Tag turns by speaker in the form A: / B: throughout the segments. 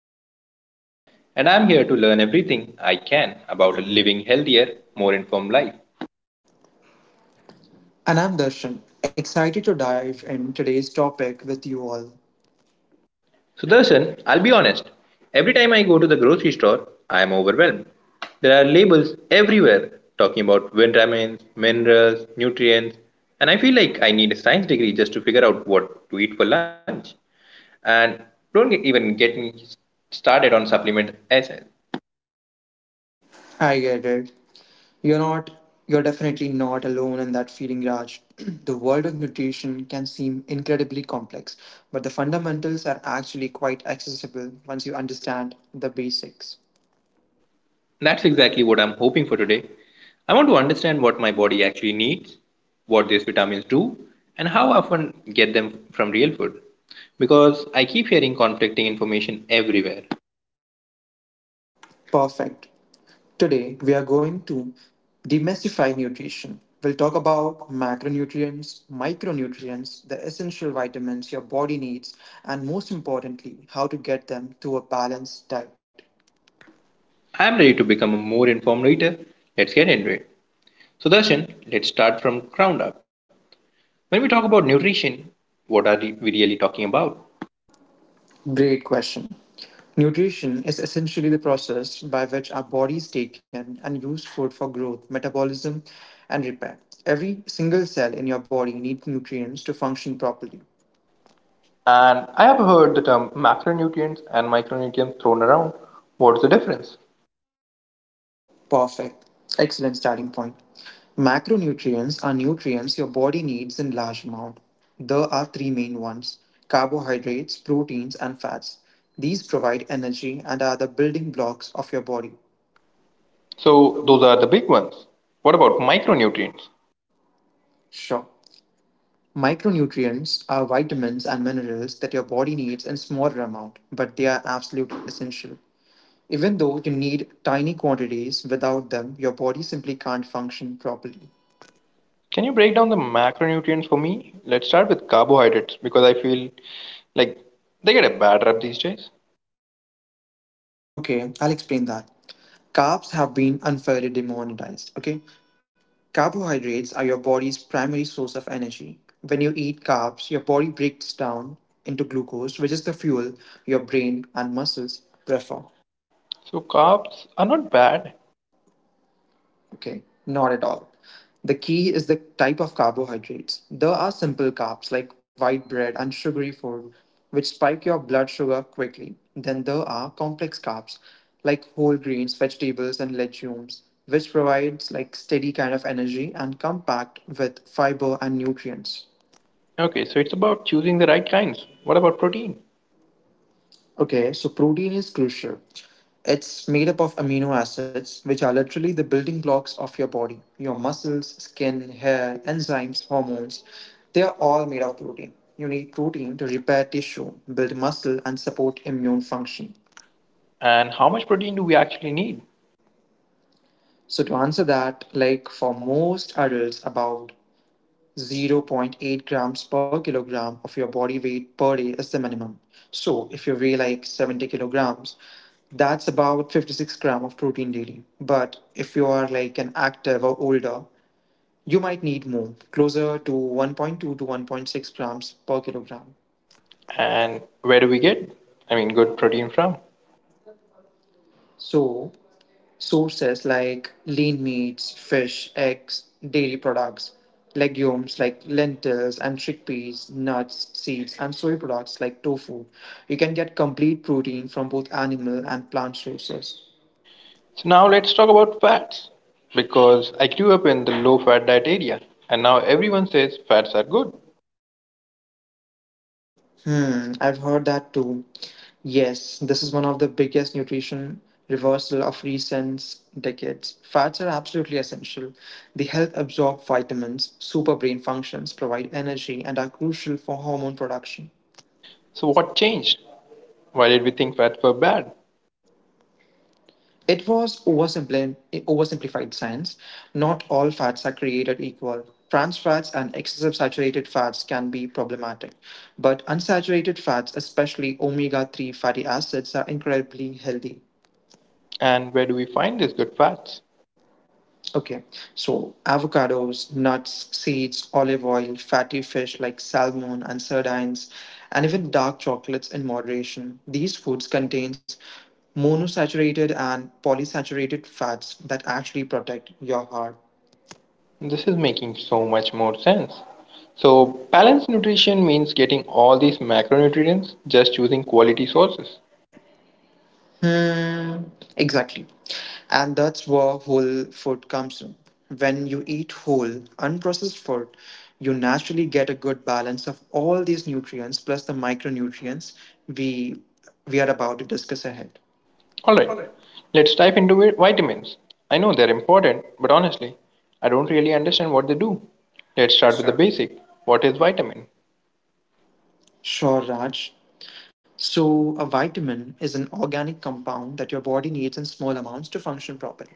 A: I'm your host Raj, and I'm here to learn everything I can about
B: About
A: living healthier,
B: India.
A: more informed life.
B: And I'm Darshan, excited to dive in today's topic with you all.
A: So, Darshan, I'll be honest. Every time I go to the grocery store, I'm overwhelmed. There are labels everywhere talking about vitamins, minerals, nutrients, and I feel like I need a science degree just to figure out what to eat for lunch. And don't get- even get me started on supplement essays.
B: I get it. You're not, you're definitely not alone in that feeling, Raj. The world of nutrition can seem incredibly complex, but the fundamentals are actually quite accessible once you understand the basics.
A: That's exactly what I'm hoping for today. I want to understand what my body actually needs, what these vitamins do, and how often get them from real food. Because I keep hearing conflicting information everywhere.
B: Perfect. Today, we are going to demystify nutrition. We'll talk about macronutrients, micronutrients, the essential vitamins your body needs, and most importantly, how to get them to a balanced diet.
A: I'm ready to become a more informed reader. Let's get into it. So, Darshan, let's start from ground up. When we talk about nutrition, what are we really talking about?
B: Great question. Nutrition is essentially the process by which our bodies take in and use food for growth, metabolism, and repair. Every single cell in your body needs nutrients to function properly.
A: And I have heard the term macronutrients and micronutrients thrown around. What's the difference?
B: Perfect. Excellent starting point. Macronutrients are nutrients your body needs in large amount. There are three main ones: carbohydrates, proteins, and fats. These provide energy and are the building blocks of your body.
A: So those
B: So,
A: are the big ones. What about micronutrients?
B: sure. Micronutrients are vitamins and minerals that your body needs in smaller amount, but they are absolutely essential. Even though you need tiny quantities, without them, your body simply can't function properly.
A: Can you break down the macronutrients for me? Let's start with carbohydrates because I feel like they get a bad rap these days.
B: Okay, I'll explain that. Carbs have been unfairly demonetized. Okay, carbohydrates are your body's primary source of energy. When you eat carbs, your body breaks down into glucose, which is the fuel your brain and muscles prefer.
A: So carbs are not bad.
B: Okay, not at all. The key is the type of carbohydrates. There are simple carbs like white bread and sugary food, which spike your blood sugar quickly. Then there are complex carbs like whole grains, vegetables, and legumes, which provides like steady kind of energy and come packed with fiber and nutrients.
A: Okay, so it's about choosing the right kinds. What about protein?
B: Okay, so protein is crucial. It's made up of amino acids, which are literally the building blocks of your body. Your muscles, skin, hair, enzymes, hormones, they are all made of protein. You need protein to repair tissue, build muscle, and support immune function.
A: And how much protein do we actually need?
B: So, to answer that, like for most adults, about zero point 0.8 grams per kilogram of your body weight per day is the minimum. So if you weigh like 70 kilograms, that's about 56 grams of protein daily. But if you are like an active or older, you might need more, closer to 1.2 to 1.6 grams per kilogram.
A: And where do we get, good protein from?
B: So Sources like lean meats, fish, eggs, dairy products, legumes like lentils and chickpeas, nuts, seeds, and soy products like tofu. You can get complete protein from both animal and plant sources.
A: So now let's talk about fats because I grew up in the low fat diet area and now everyone says fats are good.
B: Hmm, I've heard that too. Yes, this is one of the biggest nutrition reversal of recent decades. Fats are absolutely essential. They help absorb vitamins, super brain functions, provide energy, and are crucial for hormone production.
A: So what changed? Why did we think fats were bad?
B: It was oversimplified science. Not all fats are created equal. Trans fats and excessive saturated fats can be problematic, but unsaturated fats, especially omega 3 fatty acids, are incredibly healthy.
A: And where do we find these good fats?
B: Okay, so avocados, nuts, seeds, olive oil, fatty fish like salmon and sardines, and even dark chocolates in moderation. These foods contains monosaturated and polysaturated fats that actually protect your heart.
A: This is making so much more sense. So, balanced nutrition means getting all these macronutrients, just choosing quality sources.
B: Hmm, exactly. And that's where whole food comes in. When you eat whole, unprocessed food, you naturally get a good balance of all these nutrients plus the micronutrients we we are about to discuss ahead.
A: Alright, let's dive into vitamins. I know they're important, but honestly, I don't really understand what they do. Let's start
B: Yes,
A: with the
B: sure.
A: basic. What is vitamin?
B: Sure, Raj. So, a vitamin is an organic compound that your body needs in small amounts to function properly.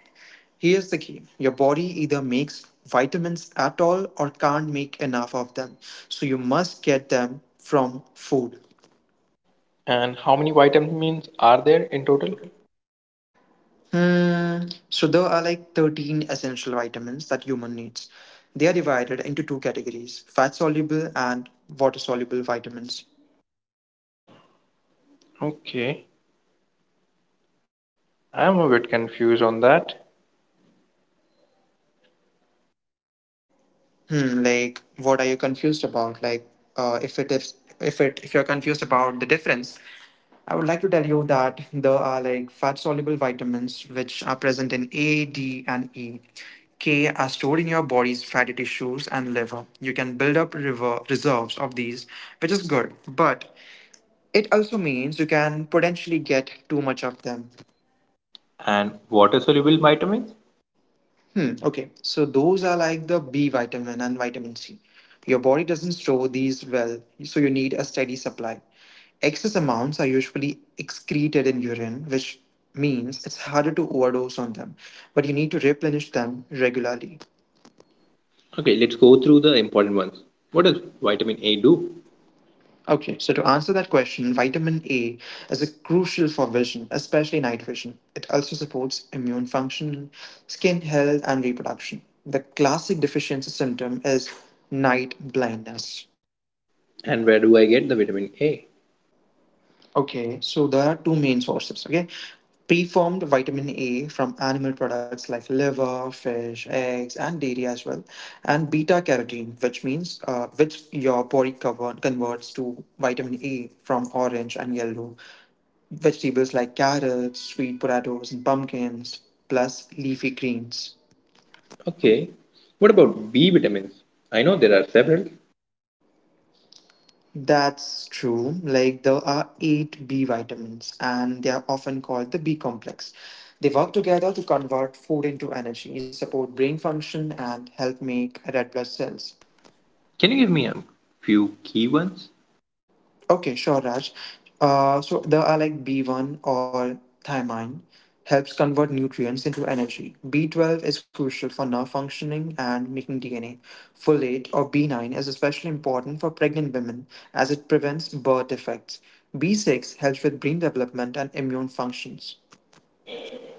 B: Here's the key your body either makes vitamins at all or can't make enough of them. So, you must get them from food.
A: And how many vitamins are there in
B: In total?
A: total?
B: Hmm. So there are like 13 essential vitamins that human needs. They are divided into two categories, fat soluble and water soluble vitamins.
A: Okay, I'm a bit confused on that.
B: Like what are you confused about? Like if it is if it if you're confused about the difference, I would like to tell you that there are like fat soluble vitamins which are present in A, D, and E. K are stored in your body's fatty tissues and liver. You can build up river reserves of these, which is good, but it also means you can potentially get too much of them.
A: And water soluble vitamins?
B: Okay, so those are like the B vitamin and vitamin C. Your body doesn't store these well, so you need a steady supply. Excess amounts are usually excreted in urine, which means it's harder to overdose on them, but you need to replenish them regularly.
A: Okay, let's go through the important ones. What does vitamin A do?
B: Okay, so to answer that question, vitamin A is a crucial for vision, especially night vision. It also supports immune function, skin health, and reproduction. The classic deficiency symptom is night blindness.
A: And where do I get the vitamin A?
B: Okay, so there are two main sources. Okay, preformed vitamin A from animal products like liver, fish, eggs, and dairy as well, and beta carotene, which your body converts to vitamin A from orange and yellow vegetables like carrots, sweet potatoes, and pumpkins, plus leafy greens.
A: Okay. What about B vitamins? I know there are several.
B: That's true. Like there are eight B vitamins, and they are often called the B complex. They work together to convert food into energy, support brain function, and help make red blood cells.
A: Can you give me a few key ones?
B: Okay, sure, Raj. So there are like B1 or thiamine helps convert nutrients into energy. B12 is crucial for nerve functioning and making DNA. Folate or B9 is especially important for pregnant women as it prevents birth defects. B6 helps with brain development and immune functions.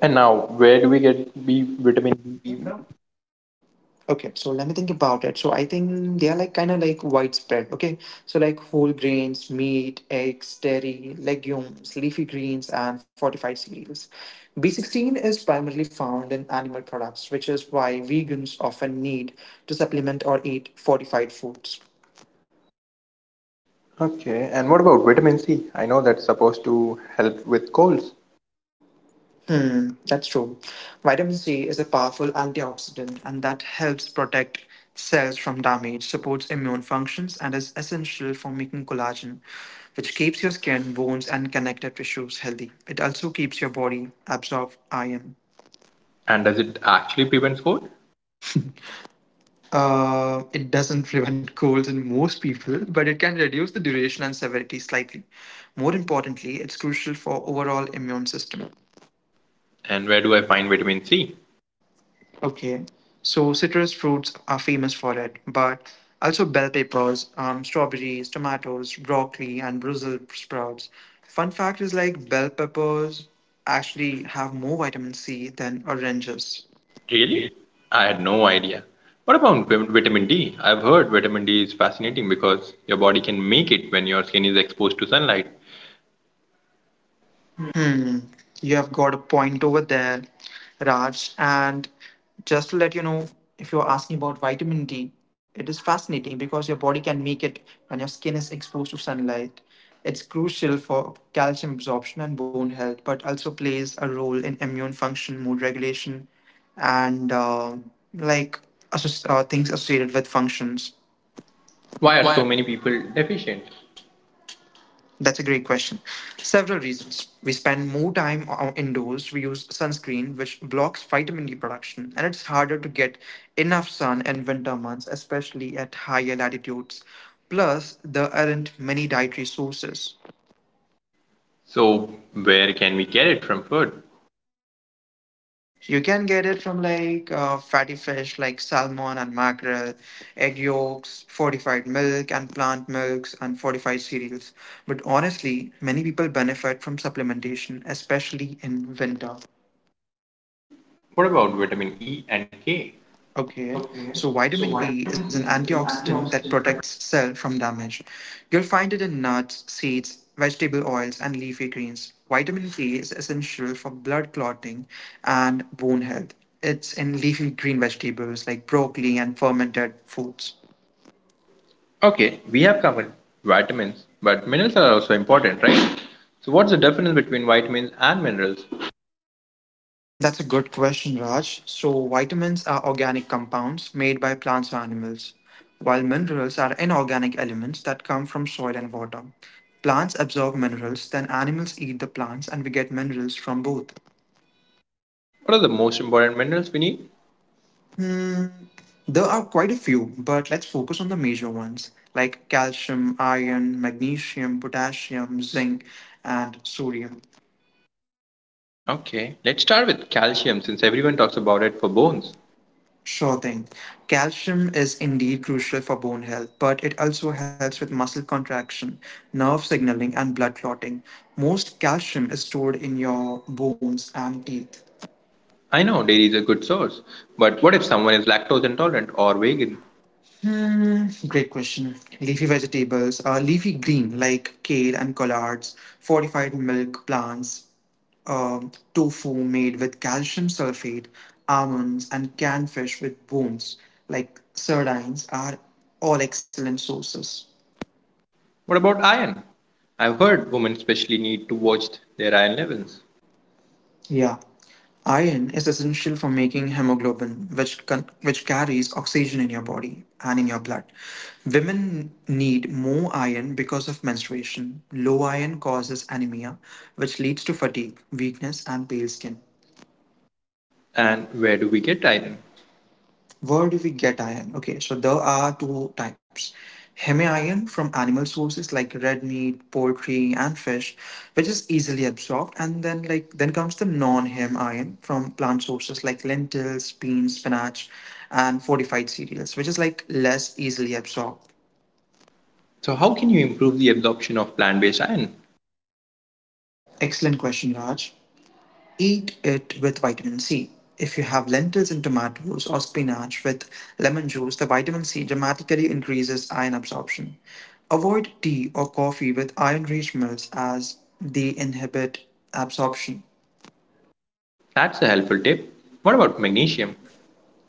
A: And now, where do we get B vitamin B?
B: Okay, so let me think about it. So I think they are like kind of like widespread. Okay, so like whole grains, meat, eggs, dairy, legumes, leafy greens, and fortified cereals. B16 is primarily found in animal products, which is why vegans often need to supplement or eat fortified foods.
A: Okay, and what about vitamin C? I know that's supposed to help with colds.
B: Hmm, that's true. Vitamin C is a powerful antioxidant and that helps protect cells from damage, supports immune functions, and is essential for making collagen, which keeps your skin, bones, and connective tissues healthy. It also keeps your body absorb iron.
A: And does it actually prevent cold?
B: It doesn't prevent colds in most people, but it can reduce the duration and severity slightly. More importantly, it's crucial for overall immune system.
A: And where do I find vitamin C?
B: Okay, so citrus fruits are famous for it, but also bell peppers, strawberries, tomatoes, broccoli, and Brussels sprouts. Fun fact is like bell peppers actually have more vitamin C than oranges.
A: Really? I had no idea. What about vitamin D? I've heard vitamin D is fascinating because your body can make it when your skin is exposed to sunlight.
B: Hmm, you have got a point over there, Raj. And just to let you know, if you're asking about vitamin D, it is fascinating because your body can make it when your skin is exposed to sunlight. It's crucial for calcium absorption and bone health, but also plays a role in immune function, mood regulation, and like things associated with functions.
A: Why are so many people deficient?
B: That's a great question. Several reasons. We spend more time indoors, we use sunscreen, which blocks vitamin D production, and it's harder to get enough sun in winter months, especially at higher latitudes. Plus, there aren't many dietary sources.
A: So, where can we get it from food?
B: You can get it from like fatty fish like salmon and mackerel, egg yolks, fortified milk, and plant milks, and fortified cereals. But honestly, many people benefit from supplementation, especially in winter.
A: What about vitamin E and K?
B: Okay, so vitamin E is an antioxidant that protects cell from damage. You'll find it in nuts, seeds, vegetable oils, and leafy greens. Vitamin E is essential for blood clotting and bone health. It's in leafy green vegetables like broccoli and fermented foods.
A: Okay, we have covered vitamins, but minerals are also important, right? So, what's the difference between vitamins and minerals?
B: Hmm, that's a good question, Raj. So, vitamins are organic compounds made by plants or animals, while minerals are inorganic elements that come from soil and water. Plants absorb minerals, then animals eat the plants, and we get minerals from both.
A: What are the most important minerals we need?
B: Hmm, there are quite a few, but let's focus on the major ones like calcium, iron, magnesium, potassium, zinc, and sodium.
A: Okay, let's start with calcium since everyone talks about it for bones.
B: Sure thing. Calcium is indeed crucial for bone health, but it also helps with muscle contraction, nerve signaling, and blood clotting. Most calcium is stored in your bones and teeth.
A: I know dairy is a good source, but what if someone is lactose intolerant or vegan?
B: Hmm, great question. Leafy green like kale and collards, fortified milk plants, tofu made with calcium sulfate, almonds, and canned fish with bones like sardines are all excellent sources.
A: What about iron? I've heard women especially need to watch their iron levels.
B: Yeah. Iron is essential for making hemoglobin, which carries oxygen in your body and in your blood. Women need more iron because of menstruation. Low iron causes anemia, which leads to fatigue, weakness, and pale skin.
A: And where do we get iron?
B: Where do we get iron? Okay, so there are two types. Heme iron from animal sources like red meat, poultry, and fish, which is easily absorbed, and then like then comes the non-heme iron from plant sources like lentils, beans, spinach, and fortified cereals, which is like less easily absorbed.
A: So, how can you improve the absorption of plant based iron?
B: Excellent question, Raj. Eat it with vitamin C. If you have lentils and tomatoes or spinach with lemon juice, the vitamin C dramatically increases iron absorption. Avoid tea or coffee with iron rich milks as they inhibit absorption.
A: That's a helpful tip. What about magnesium?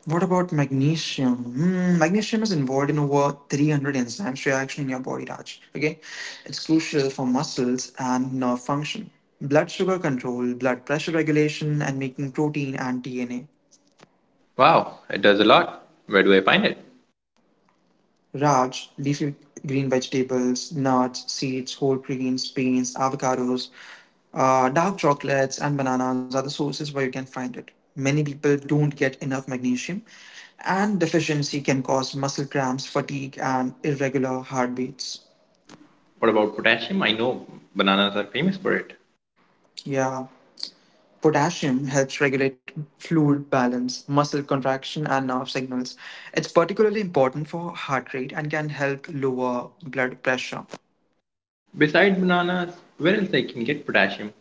B: What about magnesium? Magnesium is involved in over 300 enzymes reaction in your body, Raj. Okay, it's crucial for muscles and nerve function, blood sugar control, blood pressure regulation, and making protein and DNA.
A: Wow, it does a lot. Where do I find it?
B: Raj, leafy green vegetables, nuts, seeds, whole grains, beans, avocados, dark chocolates, and bananas are the sources where you can find it. Many people don't get enough magnesium, and deficiency can cause muscle cramps, fatigue, and irregular heartbeats.
A: What about potassium? I know bananas are famous for it.
B: Yeah. Potassium helps regulate fluid balance, muscle contraction, and nerve signals. It's particularly important for heart rate and can help lower blood pressure.
A: Besides bananas, where else I can get potassium?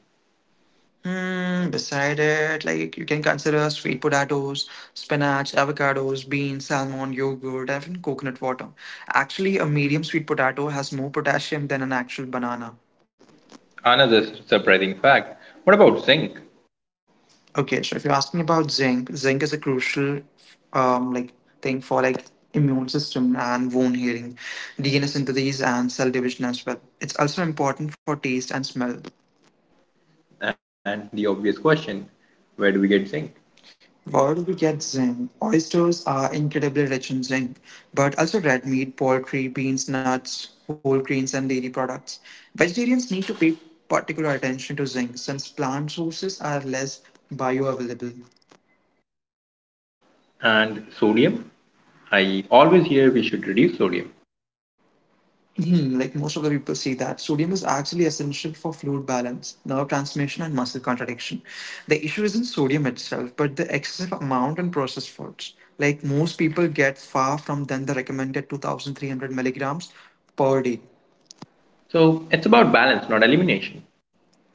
B: Mm, beside it, like you can consider sweet potatoes, spinach, avocados, beans, salmon, yogurt, and even coconut water. Actually, a medium sweet potato has more potassium than an actual banana.
A: Another surprising fact. What about zinc?
B: Okay, so if you're asking about zinc, zinc is a crucial um, like thing for like immune system and wound healing, DNA synthesis, and cell division as well. It's also important for taste and smell.
A: And the obvious question, where do we get zinc?
B: Where do we get zinc? Oysters are incredibly rich in zinc, but also red meat, poultry, beans, nuts, whole grains, and dairy products. Vegetarians need to pay particular attention to zinc since plant sources are less bioavailable.
A: And sodium, I always hear we should reduce sodium.
B: Hmm, like most of the people see that sodium is actually essential for fluid balance, nerve transmission, and muscle contraction. The issue isn't sodium itself, but the excessive amount in processed foods. Like most people get far from than the recommended 2,300 milligrams per day.
A: So it's about balance, not elimination.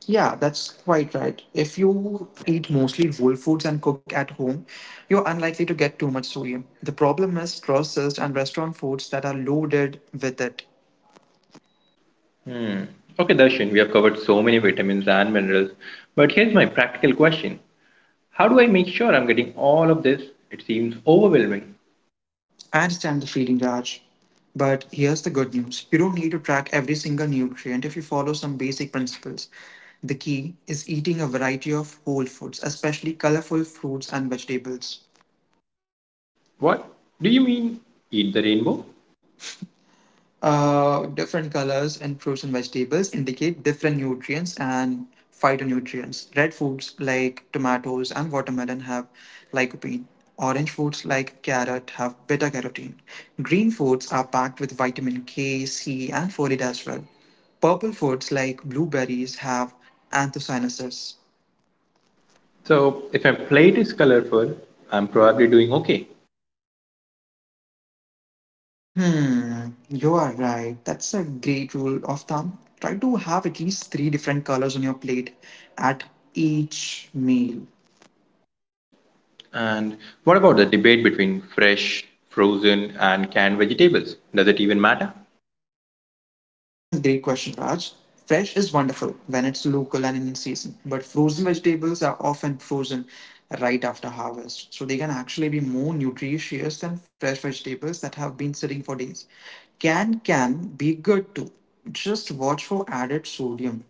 B: Yeah, that's quite right. If you eat mostly whole foods and cook at home, you're unlikely to get too much sodium. The problem is processed and restaurant foods that are loaded with it.
A: Okay, Darshan, we have covered so many vitamins and minerals, but here's my practical question. How do I make sure I'm getting all of this? It seems overwhelming.
B: I understand the feeling, Raj. But here's the good news, you don't need to track every single nutrient if you follow some basic principles. The key is eating a variety of whole foods, especially colorful fruits and vegetables.
A: What do you mean eat the rainbow?
B: Different colors in fruits and vegetables indicate different nutrients and phytonutrients. Red foods like tomatoes and watermelon have lycopene. Orange foods like carrot have beta carotene. Green foods are packed with vitamin K, C, and folate as well. Purple foods like blueberries have anthocyanins.
A: So if my plate is colorful, I'm probably doing okay.
B: Hmm, you are right. That's a great rule of thumb. Try to have at least three different colors on your plate at each meal.
A: And what about the debate between fresh, frozen and canned vegetables? Does it even matter?
B: Hmm, great question, Raj. Fresh is wonderful when it's local and in season, but frozen vegetables are often frozen right after harvest, so they can actually be more nutritious than fresh vegetables that have been sitting for days. Canned can be good too. Just watch for added sodium.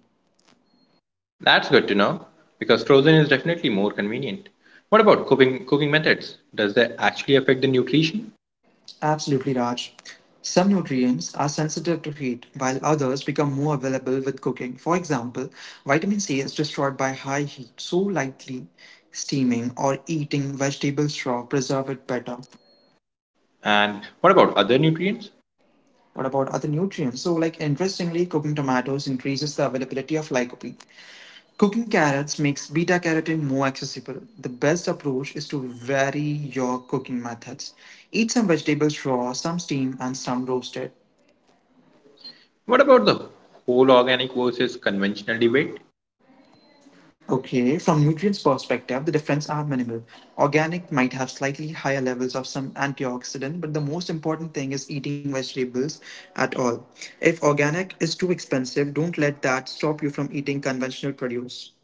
A: That's good to know because frozen is definitely more convenient. What about cooking methods? Does that actually affect the nutrition?
B: Absolutely, Raj. Some nutrients are sensitive to heat, while others become more available with cooking. For example, vitamin C is destroyed by high heat, so lightly steaming or eating vegetable straw preserve it better.
A: And what about other nutrients?
B: What about other nutrients? So, like interestingly, cooking tomatoes increases the availability of lycopene. Cooking carrots makes beta carotene more accessible. The best approach is to vary your cooking methods. Eat some vegetable raw, some steamed, and some roasted.
A: What about the whole organic versus conventional debate?
B: Okay, from nutrients perspective, the difference are minimal. Organic might have slightly higher levels of some antioxidant, but the most important thing is eating vegetables at all. If organic is too expensive, don't let that stop you from eating conventional produce.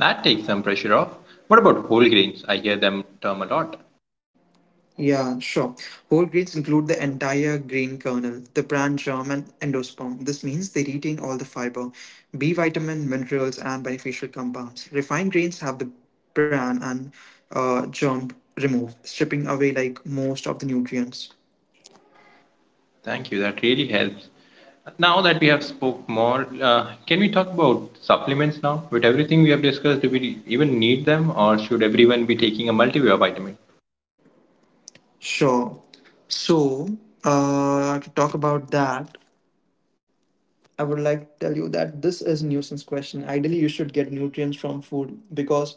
A: That takes some pressure off. What about whole grains? I hear them term a lot.
B: Yeah, sure. Whole grains include the entire grain kernel, the bran germ, and endosperm. This means they retain all the fiber, B vitamin, minerals, and beneficial compounds. Refined grains have the bran and germ removed, stripping away like most of the nutrients.
A: Thank you. That really helps. Now that we have spoke more, can we talk about supplements now? With everything we have discussed, do we even need them, or should everyone be taking a multivitamin?
B: Sure. So, to talk about that. I would like to tell you that this is a nuisance question. Ideally, you should get nutrients from food because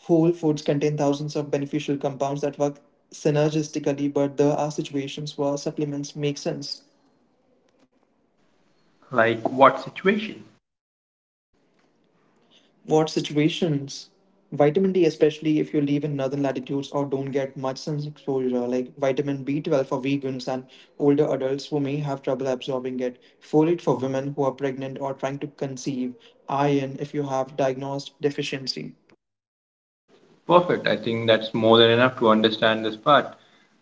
B: whole foods contain thousands of beneficial compounds that work synergistically, but there are situations where supplements make sense.
A: Like what situation?
B: What situations? Vitamin D, especially if you live in northern latitudes or don't get much sun exposure, like vitamin B12 for vegans and older adults who may have trouble absorbing it, folate for women who are pregnant or trying to conceive, iron if you have diagnosed deficiency.
A: Perfect. I think that's more than enough to understand this part.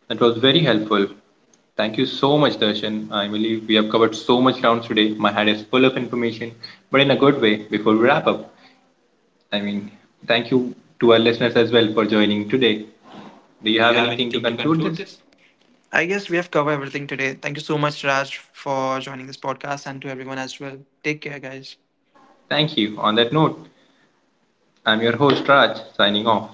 A: That was very helpful. Thank you so much, Darshan. I believe we have covered so much grounds today. My head is full of information, but in a good way before we wrap up. I mean, thank you to our listeners as well for joining today. Do you
B: Do you
A: have
B: have
A: anything to
B: anything to
A: conclude
B: conclude
A: this?
B: this? I guess we have covered everything today. Thank you so much, Raj, for joining this podcast and to everyone as well. Take care, guys.
A: Thank you. On that note, I'm your host, Raj, signing off.